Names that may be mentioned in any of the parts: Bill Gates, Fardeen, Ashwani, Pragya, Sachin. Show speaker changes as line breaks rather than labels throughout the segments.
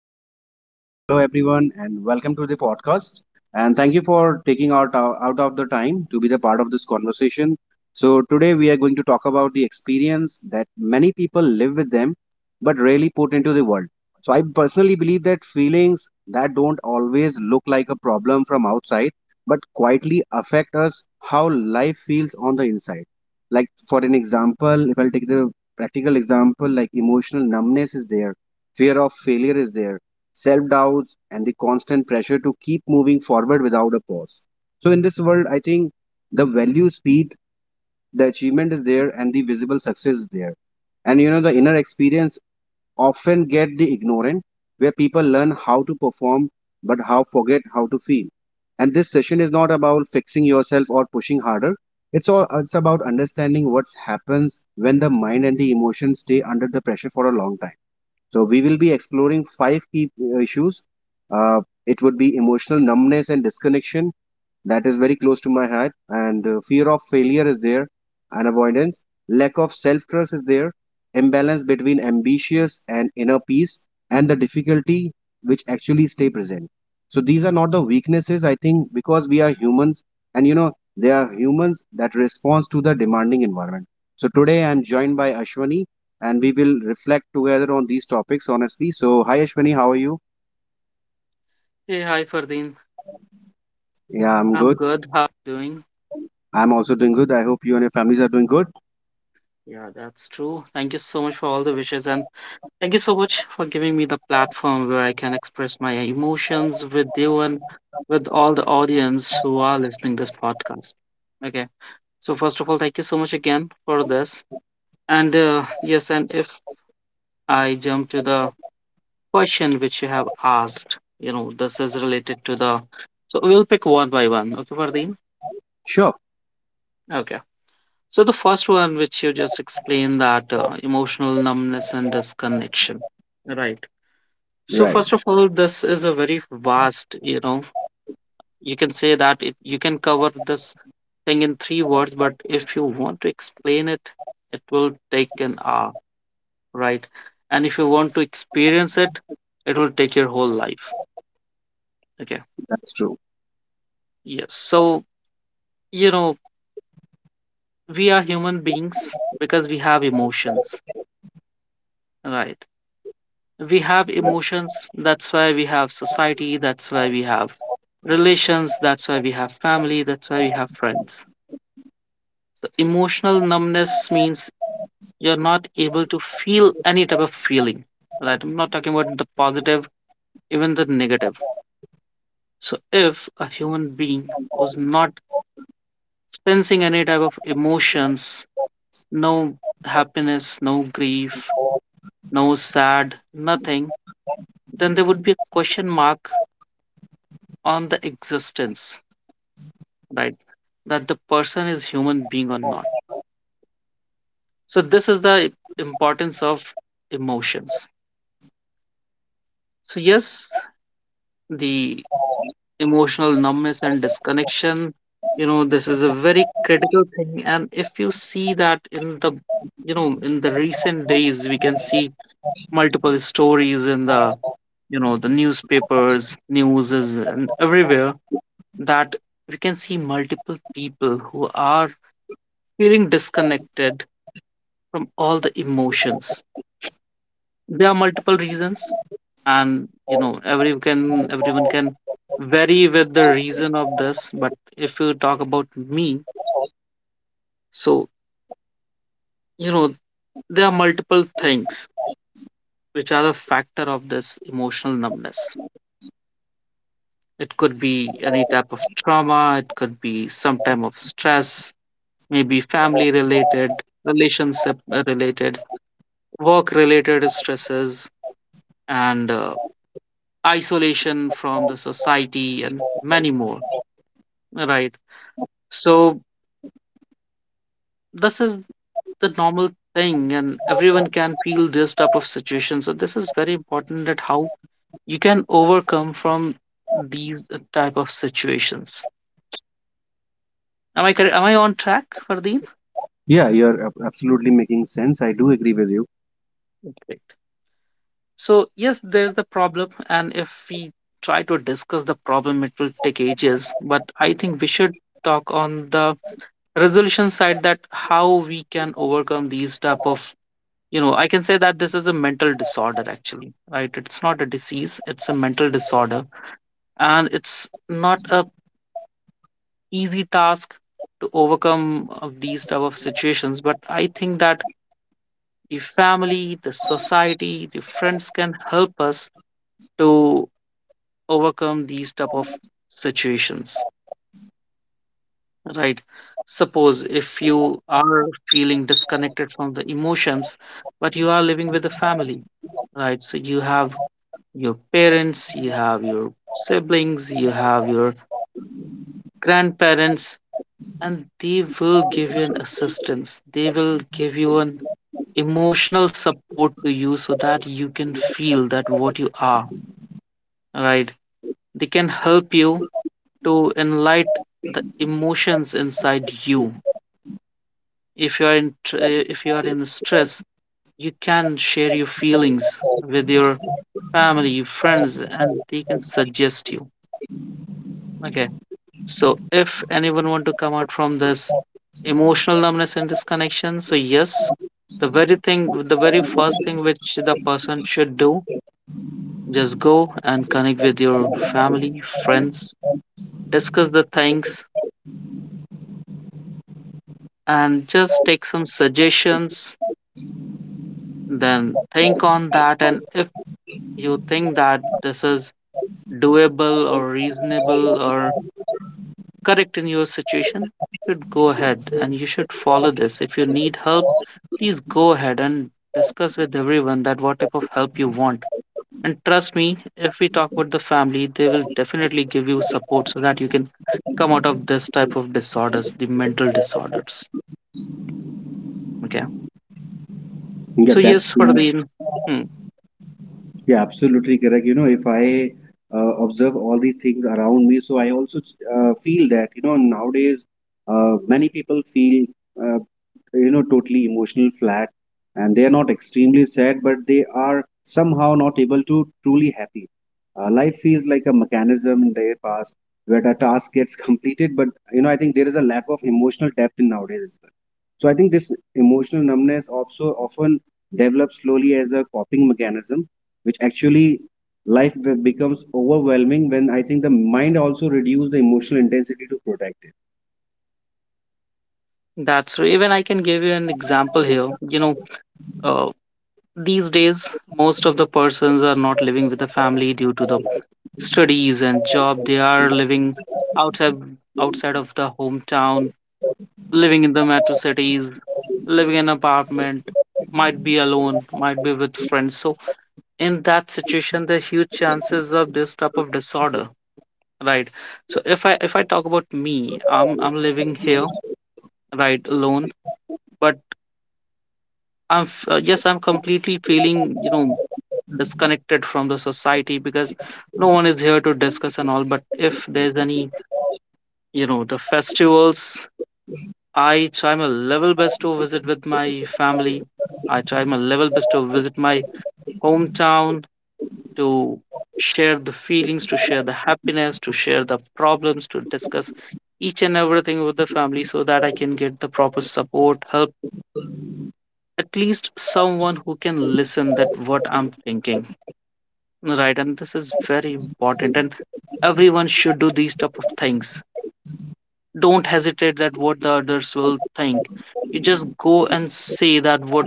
my name is Fardeen. Hello, everyone, and welcome to the podcast. And thank you for taking out of the time to be the part of this conversation. So today we are going to talk about the experience that many people live with them, but rarely put into the world. So I personally believe that feelings that don't always look like a problem from outside, but quietly affect us how life feels on the inside. Like for an example, if I'll take the practical example, like emotional numbness is there, fear of failure is there, self doubts, and the constant pressure to keep moving forward without a pause. So, in this world, I think the value speed, the achievement is there, and the visible success is there. And the inner experience often get the ignorant, where people learn how to perform but how forget how to feel. And this session is not about fixing yourself or pushing harder. It's about understanding what happens when the mind and the emotions stay under the pressure for a long time. So we will be exploring five key issues. Uh, it would be emotional numbness and disconnection, that is very close to my heart, and fear of failure is there, and avoidance, lack of self trust is there, imbalance between ambitious and inner peace, and the difficulty which actually stay present. So these are not the weaknesses, I think, because we are humans, and they are humans that responds to the demanding environment. So today I'm joined by Ashwani, and we will reflect together on these topics honestly. So hi Ashwani, how are you?
Hey, hi Fardeen.
Yeah, I'm good.
I'm good. How you doing?
I'm also doing good. I hope you and your families are doing good.
Yeah, that's true. Thank you so much for all the wishes and thank you so much for giving me the platform where I can express my emotions with you and with all the audience who are listening this podcast. Okay. So first of all, thank you so much again for this. And yes, and if I jump to the question which you have asked, you know, this is related to the. So we'll pick one by one. Okay, Fardeen?
Sure.
Okay. So the first one, which you just explained, that emotional numbness and disconnection, right? So
Right,
first of all, this is a very vast, you know, you can say that it, you can cover this thing in three words, but if you want to explain it, it will take an hour, right? And if you want to experience it, it will take your whole life. Okay.
that's true.
Yes. So, you know, we are human beings because we have emotions, right? We have emotions, that's why we have society, that's why we have relations, that's why we have family, that's why we have friends. So emotional numbness means you're not able to feel any type of feeling, right? I'm not talking about the positive, even the negative. So if a human being was not sensing any type of emotions, no happiness, no grief, no sad, nothing, then there would be a question mark on the existence, right? That the person is human being or not. So this is the importance of emotions. So yes, the emotional numbness and disconnection, you know, this is a very critical thing, and if you see that in the, you know, in the recent days we can see multiple stories in the, you know, the newspapers, news is and everywhere, that we can see multiple people who are feeling disconnected from all the emotions. There are multiple reasons, and you know, every can everyone can vary with the reason of this. But if you talk about me, so you know, there are multiple things which are a factor of this emotional numbness. It could be any type of trauma. It could be some type of stress, maybe family related, relationship related, work related stresses, and isolation from the society and many more, right? So this is the normal thing, and everyone can feel this type of situation. So this is very important, that how you can overcome from these type of situations. Am I correct? Am I on track, Fardeen?
Yeah, you're absolutely making sense. I do agree with you.
Correct. So yes, there's the problem, and if we try to discuss the problem it will take ages, but I think we should talk on the resolution side, that how we can overcome these type of, you know, I can say that this is a mental disorder actually, right? It's not a disease, it's a mental disorder, and it's not a easy task to overcome of these type of situations, but I think that the family, the society, the friends can help us to overcome these type of situations, right? Suppose if you are feeling disconnected from the emotions, but you are living with a family, right? So you have your parents, you have your siblings, you have your grandparents, and they will give you an assistance. They will give you an emotional support to you so that you can feel that what you are, right? They can help you to enlight the emotions inside you. If you are in, if you are in stress, you can share your feelings with your family, your friends, and they can suggest you. Okay. So if anyone want to come out from this emotional numbness and disconnection, so yes, the very thing, the very first thing which the person should do, just go and connect with your family, friends, discuss the things, and just take some suggestions. Then think on that, and if you think that this is doable or reasonable or correct in your situation, you should go ahead and you should follow this. If you need help, please go ahead and discuss with everyone that what type of help you want. And trust me, if we talk with the family, they will definitely give you support so that you can come out of this type of disorders, the mental disorders. Okay.
Yeah,
So
that's
yes, for
true.
the hmm,
Yeah, absolutely correct. If I observe all these things around me, so I also feel that, nowadays many people feel uh, totally emotional flat, and they are not extremely sad, but they are somehow not able to truly happy. Life feels like a mechanism in their past, where the task gets completed. But I think there is a lack of emotional depth in nowadays as well. So I think this emotional numbness also often develops slowly as a coping mechanism, which actually life becomes overwhelming when, I think, the mind also reduces the emotional intensity to protect it.
that's so even I can give you an example here. You know, uh, these days most of the persons are not living with the family due to the studies and job. They are living outside, outside of the hometown, living in the metro cities, living in apartment, might be alone, might be with friends. So in that situation there are huge chances of this type of disorder, right? So if I talk about me, I'm living here, right? Alone. But yes, I'm completely feeling, you know, disconnected from the society because no one is here to discuss and all. But if there's any, you know, the festivals, I try my level best to visit with my family, I try my level best to visit my hometown, to share the feelings, to share the happiness, to share the problems, to discuss each and everything with the family, so that I can get the proper support, help, at least someone who can listen that what I'm thinking, right? And this is very important, and everyone should do these type of things. Don't hesitate that what the others will think. You just go and say that what,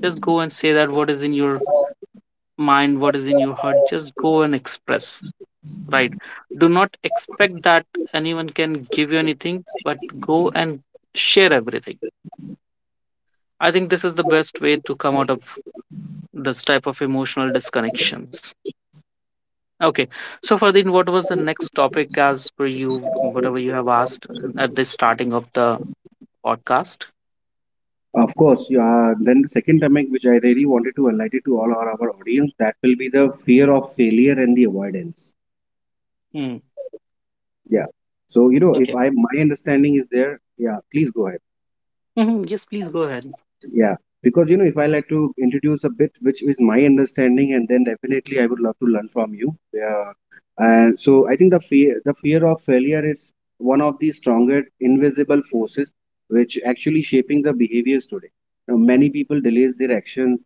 just go and say that what is in your mind, what is in your heart, just go and express, right? Do not expect that anyone can give you anything, but go and share everything. I think this is the best way to come out of this type of emotional disconnections. Okay. So Fardeen, what was the next topic as per you, whatever you have asked at the starting of the podcast?
Of course, yeah. Then the second topic, which I really wanted to highlight it to all our audience, that will be the fear of failure and the avoidance.
Hmm.
Yeah. So if
Okay.
I my understanding is there, yeah, please go ahead.
Mhm, Yes, please go ahead.
Yeah, because you know, if I like to introduce a bit which is my understanding, and then definitely I would love to learn from you. Yeah, and so I think the fear of failure is one of the stronger invisible forces, which actually shaping the behaviors today. Now, many people delays their action,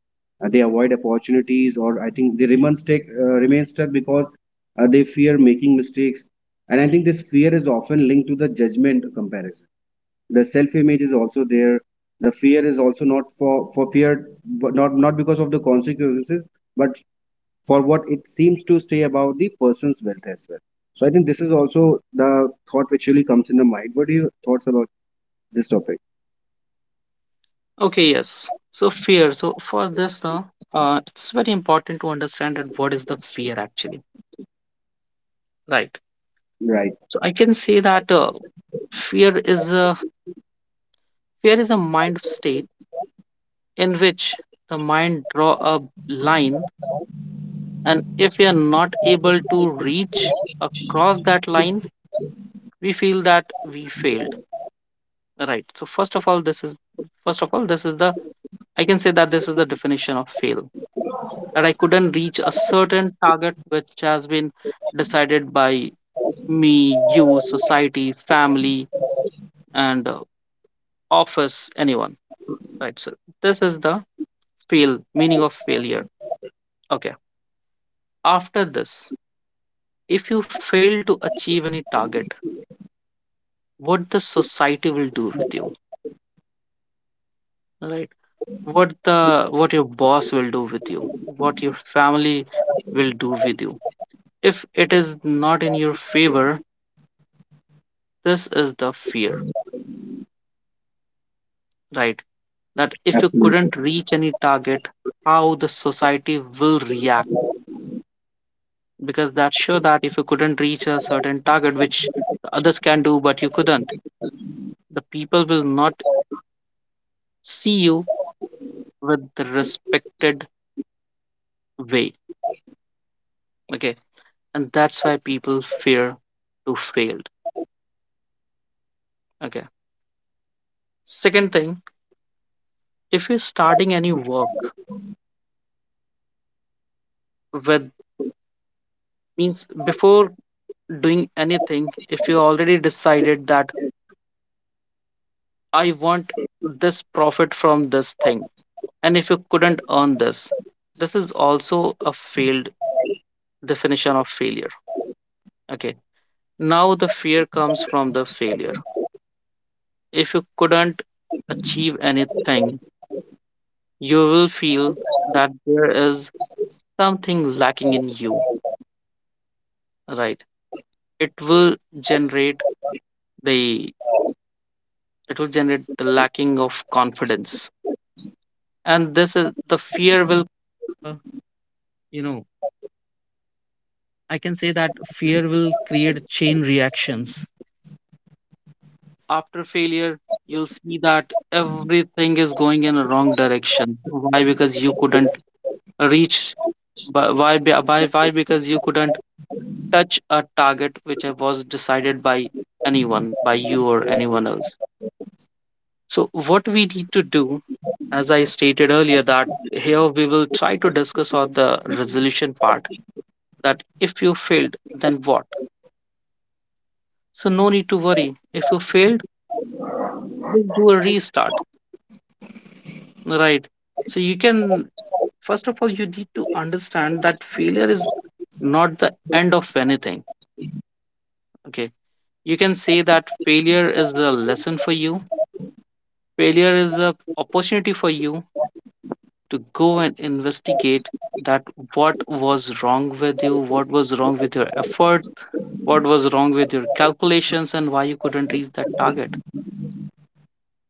they avoid opportunities. Or I think they remain stuck because they fear making mistakes, and I think this fear is often linked to the judgment comparison, the self image is also there. The fear is also not for fear, but not because of the consequences, but for what it seems to say about the person's wealth as well. So I think this is also the thought which really comes in the mind. What are your thoughts about this topic?
Okay, yes. So fear. So for this now, it's very important to understand that what is the fear actually, right?
Right,
So I can say that fear is a fear is a mind state in which the mind draw a line, and if we are not able to reach across that line, we feel that we failed, right? So first of all, this is, first of all this is the I can say that this is the definition of fail, that I couldn't reach a certain target which has been decided by me, you, society, family, and office, anyone. Right. So this is the fail meaning of failure. Okay. After this, if you fail to achieve any target, what the society will do with you, right? What your boss will do with you, what your family will do with you. If it is not in your favor, this is the fear, right? That if you
absolutely.
couldn't reach any target, how the society will react. Because that's sure that if you couldn't reach a certain target, which the others can do, but you couldn't, the people will not see you with the respected way. Okay. And that's why people fear to fail. Okay. Second thing, if you're starting any work with, means before doing anything, if you already decided that I want this profit from this thing, and if you couldn't earn this, this is also a failed definition of failure. Okay. Now the fear comes from the failure. If you couldn't achieve anything, you will feel that there is something lacking in you, right? It will generate the, lacking of confidence. And this is the fear. Everything is going in a wrong direction. Why? Because you couldn't reach. Why? Why? Be- Why? Why? Because you couldn't touch a target which was decided by anyone, by you or anyone else. So what we need to do, as I stated earlier, that here we will try to discuss on the resolution part. That if you failed, then what? So no need to worry. If you failed, just do a restart, right? So you can, first of all you need to understand that failure is not the end of anything. Okay. You can say that failure is a lesson for you, failure is a opportunity for you to go and investigate that what was wrong with you, what was wrong with your efforts, what was wrong with your calculations, and why you couldn't reach that target.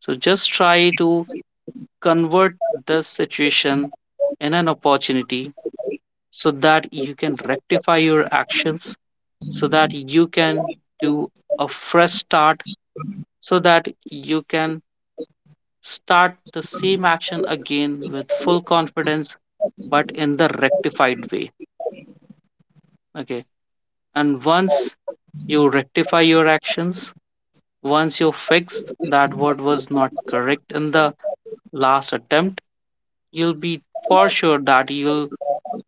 So just try to convert this situation in an opportunity, so that you can rectify your actions, so that you can do a fresh start, so that you can start the same action again with full confidence, but in the rectified way. Okay. And once you rectify your actions, once you fix that what was not correct in the last attempt, you'll be for sure that you'll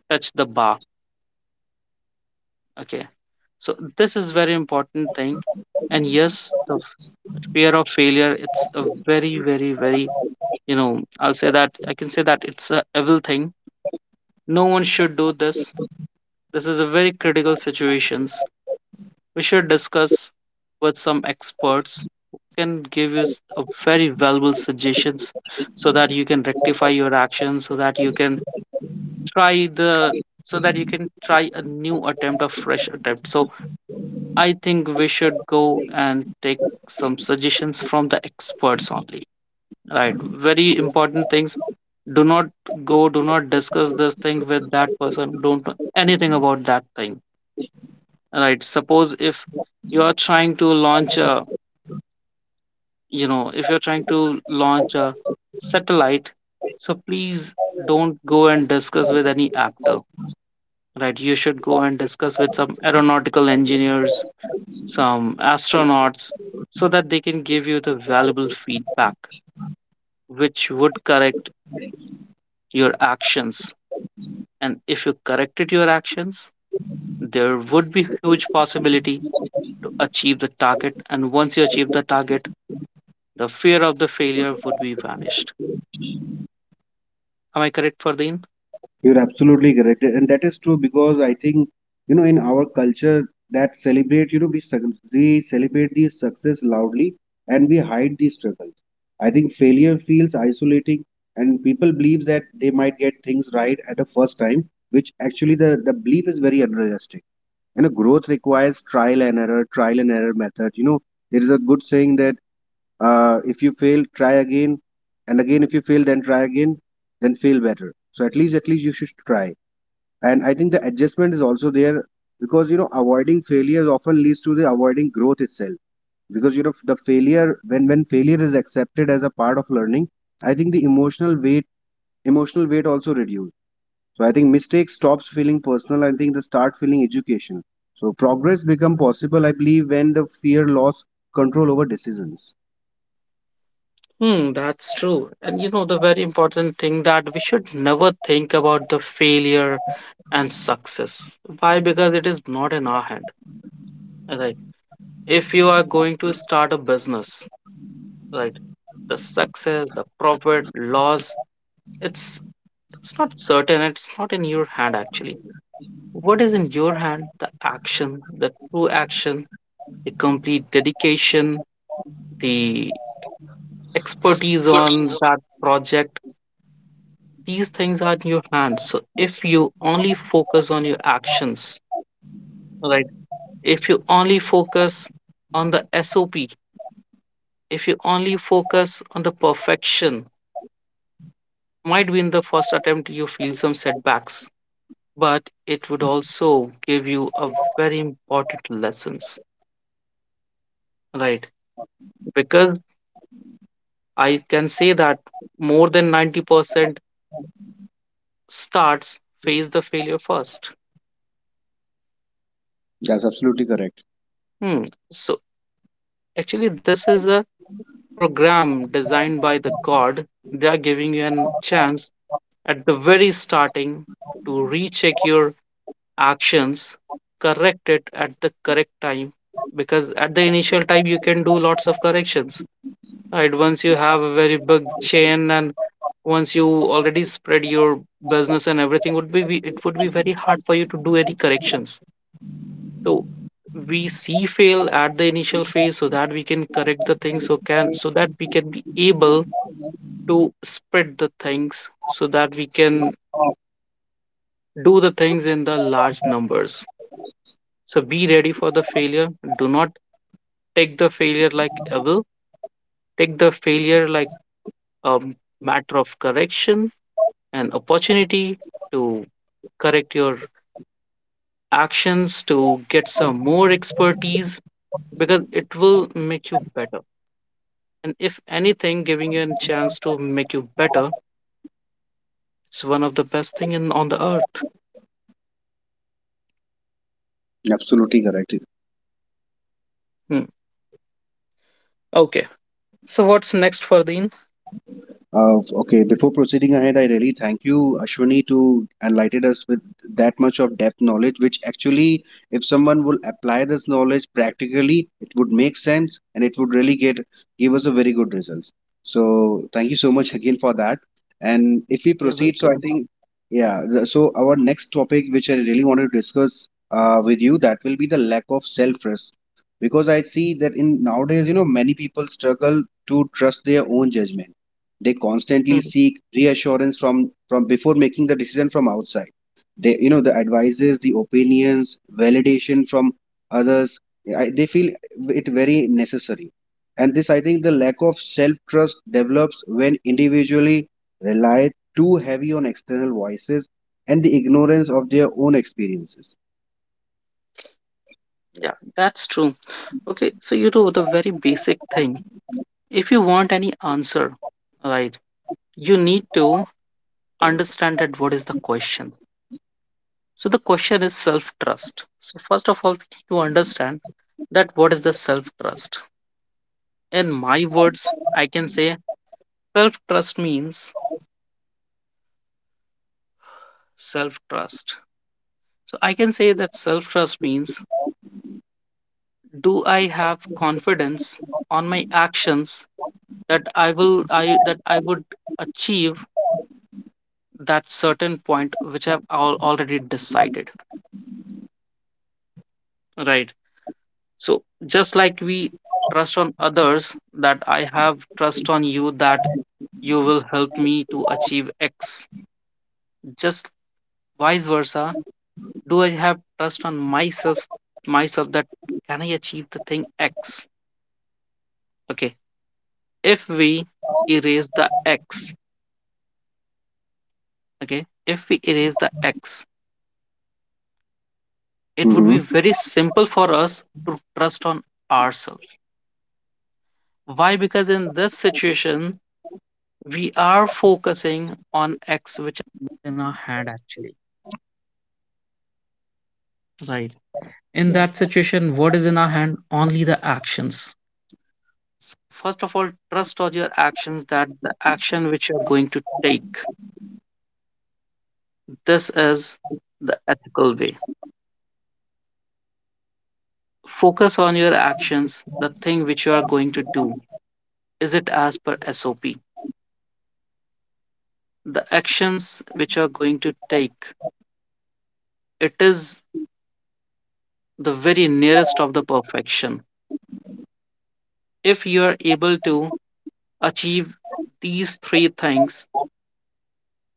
touch the bar. Okay, so this is very important thing. And yes, the fear of failure, it's a very I can say that it's a evil thing. No one should do this. This is a very critical situations. We should discuss with some experts who can give you a very valuable suggestions, so that you can rectify your actions, so that you can try the So that you can try a new attempt, a fresh attempt. So I think we should go and take some suggestions from the experts only, right? Very important things. Do not go, do not discuss this thing with that person, who don't know anything about that thing, right? Suppose if you are trying to launch a, if you're trying to launch a satellite, so please don't go and discuss with any actor, right? You should go and discuss with some aeronautical engineers, some astronauts, so that they can give you the valuable feedback, which would correct your actions. And if you corrected your actions, there would be huge possibility to achieve the target. And once you achieve the target, the fear of the failure would be vanished. Am I correct, Fardeen?
You're absolutely correct, and that is true because I think, in our culture that celebrate, we celebrate the success loudly, and we hide the struggles. I think failure feels isolating, and people believe that they might get things right at the first time, which actually the belief is very unrealistic. Growth requires trial and error method. There is a good saying that if you fail, try again, and again if you fail, then try again, then fail better. So at least you should try. And I think the adjustment is also there, because avoiding failures often leads to the avoiding growth itself. Because the failure, when failure is accepted as a part of learning, I think the emotional weight also reduces. So I think mistake stops feeling personal. I think they start feeling education. So progress become possible, I believe, when the fear lost control over decisions.
Hmm, that's true. And you know, the very important thing that we should never think about the failure and success. Why? Because it is not in our hand. Right. If you are going to start a business, right, the success, the profit loss, it's it's not certain, it's not in your hand actually. What is in your hand? The action, the true action, the complete dedication, the expertise on that project. These things are in your hand. So if you only focus on your actions, right, if you only focus on the sop, if you only focus on the perfection, might be in the first attempt you feel some setbacks, but it would also give you a very important lessons, right? Because I can say that more than 90% starts face the failure first.
Yes, absolutely correct.
Hmm. So actually this is a program designed by the God. They are giving you a chance at the very starting to recheck your actions, correct it at the correct time, because at the initial time you can do lots of corrections, right? Once you have a very big chain and once you already spread your business and everything would be it would be very hard for you to do any corrections. So we see fail at the initial phase so that we can correct the things so that we can be able to spread the things so that we can do the things in the large numbers. So be ready for the failure. Do not take the failure like a will. Take the failure like a matter of correction, an opportunity to correct your actions, to get some more expertise, because it will make you better. And if anything, giving you a chance to make you better, it's one of the best thing in on the earth.
Absolutely correct.
Hmm. Okay. So what's next, Fardeen?
Okay, before proceeding ahead, I really thank you, Ashwini, to enlighten us with that much of depth knowledge, which actually, if someone will apply this knowledge practically, it would make sense and it would really get give us a very good results. So thank you so much again for that. And if we
You're
proceed, so I
welcome.
think, yeah, so our next topic, which I really want to discuss with you, that will be the lack of self-trust. Because I see that in nowadays, many people struggle to trust their own judgment. They constantly
Hmm.
seek reassurance from before making the decision from outside. They, the advices, the opinions, validation from others. They feel it very necessary. And this, I think, the lack of self trust develops when individually rely too heavy on external voices and the ignorance of their own experiences.
Yeah, that's true. Okay, so you know the very basic thing. If you want any answer, right, you need to understand that what is the question. So the question is self trust. So first of all, we need to understand that what is the self trust. In my words, I can say self trust means self trust. So I can say that self trust means, do I have confidence on my actions that I would achieve that certain point which I've already decided, right? So just like we trust on others, that I have trust on you that you will help me to achieve X. Just vice versa. Do I have trust on myself that can I achieve the thing X? Okay. If we erase the X, okay, if we erase the X, it would
Hmm,
be very simple for us to trust on ourselves. Why? Because in this situation, we are focusing on action which you're going to take. This is the ethical way. Focus on your actions, the thing which you are going to do. Is it as per SOP? The actions which you are going to take, it is the very nearest of the perfection. If you are able to achieve these three things,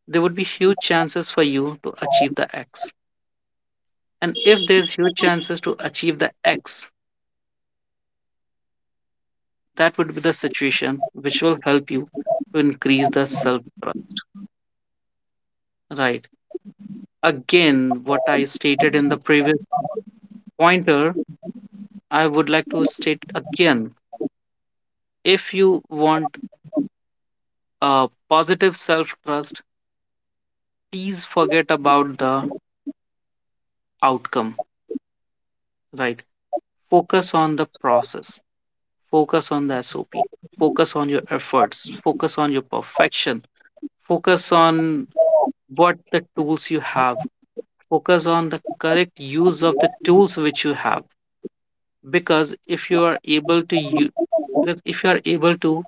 there would be huge chances for you to achieve the X. And if there's huge chances to achieve the X, that would be the situation which will help you to increase the self trust. Right. Again, what I stated in the previous pointer, I would like to state again. If you want a positive self trust, please forget about the outcome. Right. Focus on the process, focus on the SOP, focus on your efforts, focus on your perfection, focus on what the tools you have, focus on the correct use of the tools which you have, because if you are able to u- because if you are able to,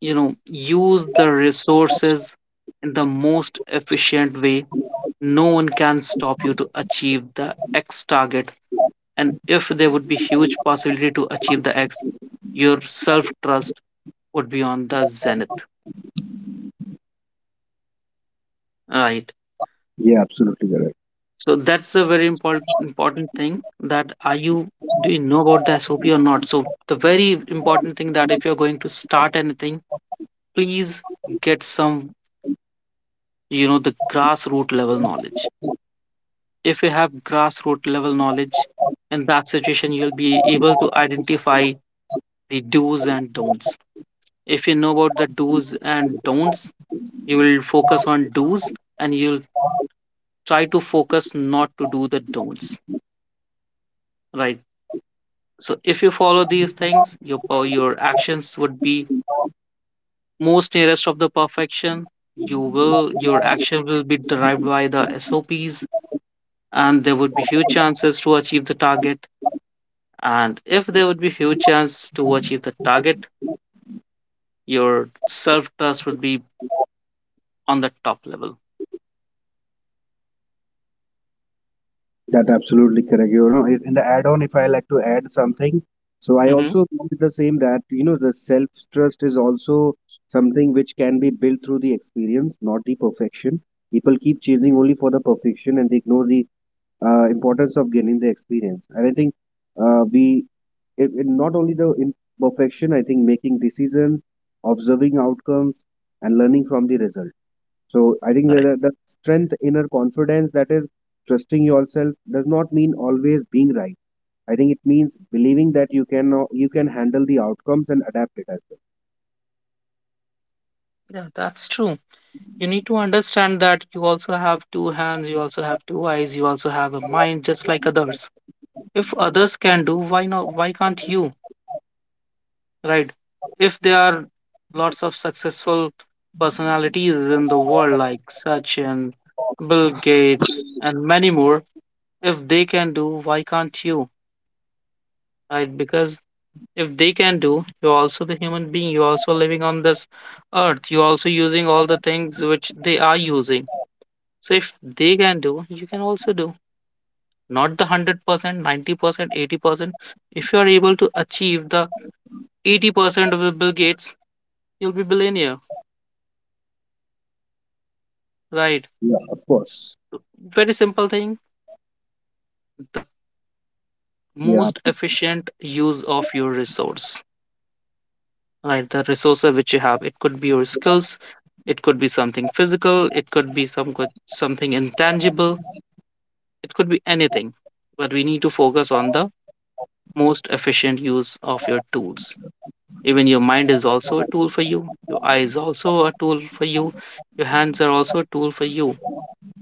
you know, use the resources in the most efficient way, no one can stop you to achieve the x target. And if there would be huge possibility to achieve the x, your self trust would be on the zenith, right?
yeah, absolutely correct.
So that's a very important thing, that are you do you know about the SOP or not? So the very important thing that if you're going to start anything, please get some, you know, the grassroots level knowledge. If you have grassroots level knowledge, in that situation you'll be able to identify the do's and don'ts. If you know about the do's and don'ts, you will focus on do's and you'll try to focus not to do the don'ts, right? So if you follow these things, your your actions would be most nearest of the perfection. Your action will be derived by the SOPs, and there would be huge chances to achieve the target. And if there would be huge chance to achieve the target, your self trust would be on the top level.
That absolutely correct. In the add-on, if I like to add something, so I
Mm-hmm.
also wanted the same that the self-trust is also something which can be built through the experience, not the perfection. People keep chasing only for the perfection, and they ignore the importance of gaining the experience. And I think, we it not only the imperfection, I think, making decisions, observing outcomes, and learning from the result. So I think the
Correct.
the strength, inner confidence, that is trusting yourself does not mean always being right. I think it means believing that you can handle the outcomes and adapt it as
Yeah, that's true. You need to understand that you also have two hands, you also have two eyes, you also have a mind, just like others. If others can do, why not? Why can't you, right? If there are lots of successful personalities in the world like Sachin, Bill Gates, and many more, if they can do, why can't you, right? Because if they can do, you're also the human being, you're also living on this earth, you're also using all the things which they are using. So if they can do, you can also do. Not the 100%, 90%, 80%. If you are able to achieve the 80% of Bill Gates, you'll be billionaire, right?
well. Yeah, of course.
S- Very simple thing, the
Yeah,
most efficient use of your resource, right? The resources which you have. It could be your skills, it could be something physical, it could be some good, something intangible, it could be anything. But we need to focus on the most efficient use of your tools. Even your mind is also a tool for you, your eye is also a tool for you, your hands are also a tool for you.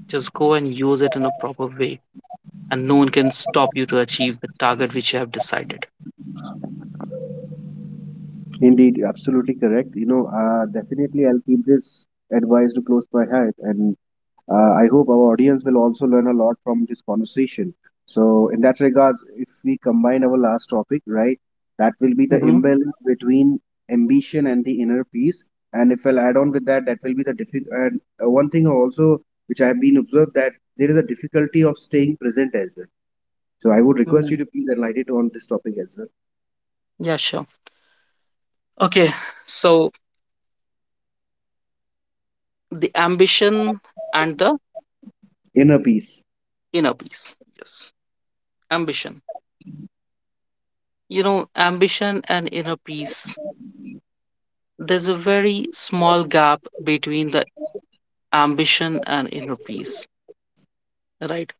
Just go and use it in a proper way, and no one can stop you to achieve the target which you have decided.
indeed, absolutely correct. Definitely I'll keep this advice to close my heart, and I hope our audience will also learn a lot from this conversation. So, in that regards, if we combine our last topic, right, that will be the
Mm-hmm.
imbalance between ambition and the inner peace. And if I'll add on with that, that will be the difficult. And one thing also, which I have been observed, that there is a difficulty of staying present as well. So, I would request you
Mm.
to please enlighten on this topic as well.
Yeah, sure. Okay, so the ambition and the
Inner peace,
inner peace. Yes, ambition. You know, ambition and inner peace. There's a very small gap between the ambition and inner peace, right?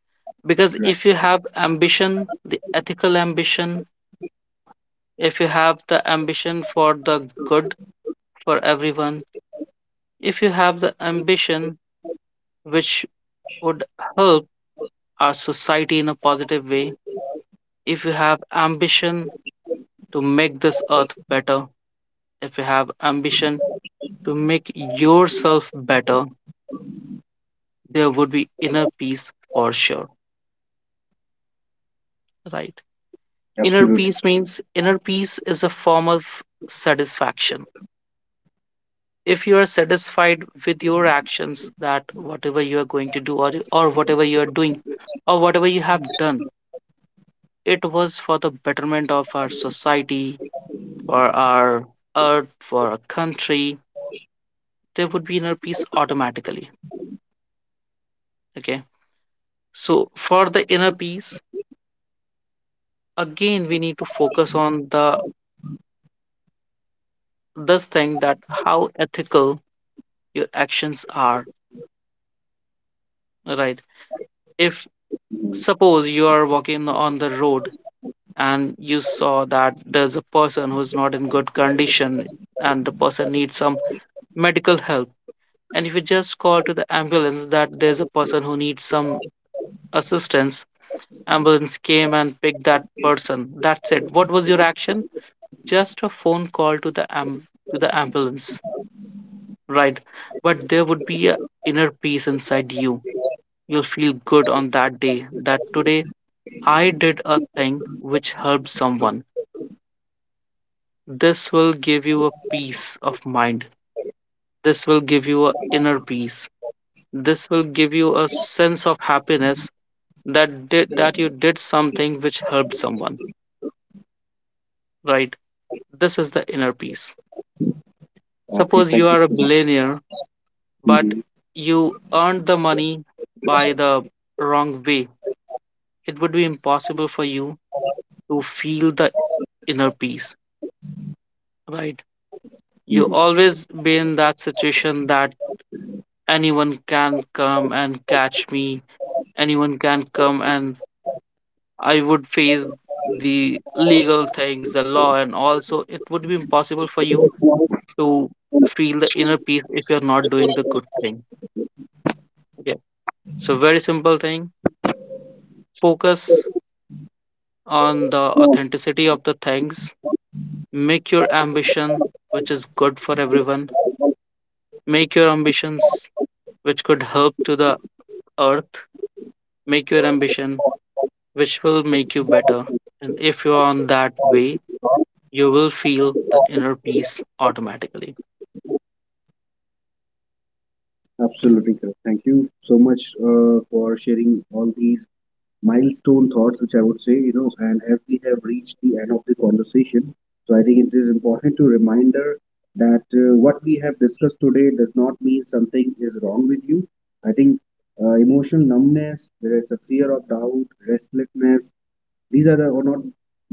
Because
right?
if you have ambition, the ethical ambition, if you have the ambition for the good for everyone, if you have the ambition which would help our society in a positive way, if you have ambition to make this earth better, if you have ambition to make yourself better, there would be inner peace for sure, right? Inner
Absolutely.
peace means, inner peace is a form of satisfaction. If you are satisfied with your actions, that whatever you are going to do, or whatever you are doing or whatever you have done, it was for the betterment of our society, for our earth, for our country, there would be inner peace automatically. Okay. So for the inner peace, again we need to focus on the this thing that how ethical your actions are, right? If suppose you are walking on the road and you saw that there's a person who's not in good condition and the person needs some medical help, and if you just call to the ambulance that there's a person who needs some assistance, ambulance came and picked that person, that's it. What was your action? Just a phone call to the to the ambulance, right? But there would be a inner peace inside you. You'll feel good on that day that today I did a thing which helped someone. This will give you a peace of mind. This will give you a inner peace. This will give you a sense of happiness that that you did something which helped someone, right? This is the inner peace.
Okay.
Suppose
Thank
you
you
are a
so much.
billionaire, but
Mhm.
you earned the money by the wrong way, it would be impossible for you to feel the inner peace, right? You
Mhm.
always be in that situation that anyone can come and catch me, anyone can come and I would face the legal things, the law, and also it would be impossible for you to feel the inner peace if you're not doing the good thing. Okay, so very simple thing, focus on the authenticity of the things. Make your ambition, which is good for everyone. Make your ambitions, which could help to the earth. Make your ambition, which will make you better. And if you are on that way, you will feel the inner peace automatically.
Absolutely, correct. Thank you so much for sharing all these milestone thoughts, which I would say, and as we have reached the end of the conversation, so I think it is important to reminder that what we have discussed today does not mean something is wrong with you. I think emotional numbness, whether it's a fear of doubt, restlessness, these are the- or not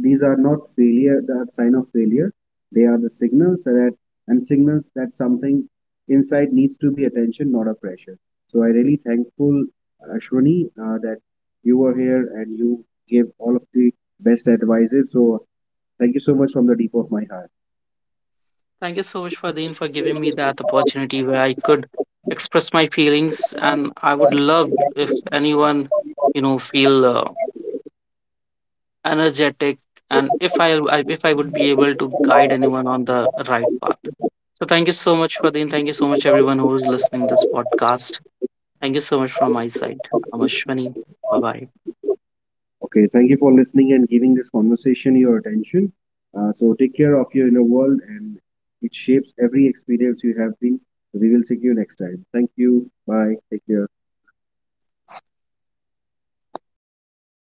these are not failure, the sign of failure. They are the signals that something inside needs to be attention, not a pressure. So I really thankful Ashwini, that you were here and you gave all of the best advices. So thank you so much from the deep of my heart.
Thank you so much, Fadeen, for giving me that opportunity where I could express my feelings. And I would love if anyone, you know, feel energetic, and if I would be able to guide anyone on the right path. So thank you so much, Fadin. Thank you so much, everyone who is listening this podcast. Thank you so much from my side. I'm Ashwani. Bye bye.
Okay, thank you for listening and giving this conversation your attention. So take care of your inner world, and it shapes every experience you have been. We will see you next time. Thank you. Bye. Take care.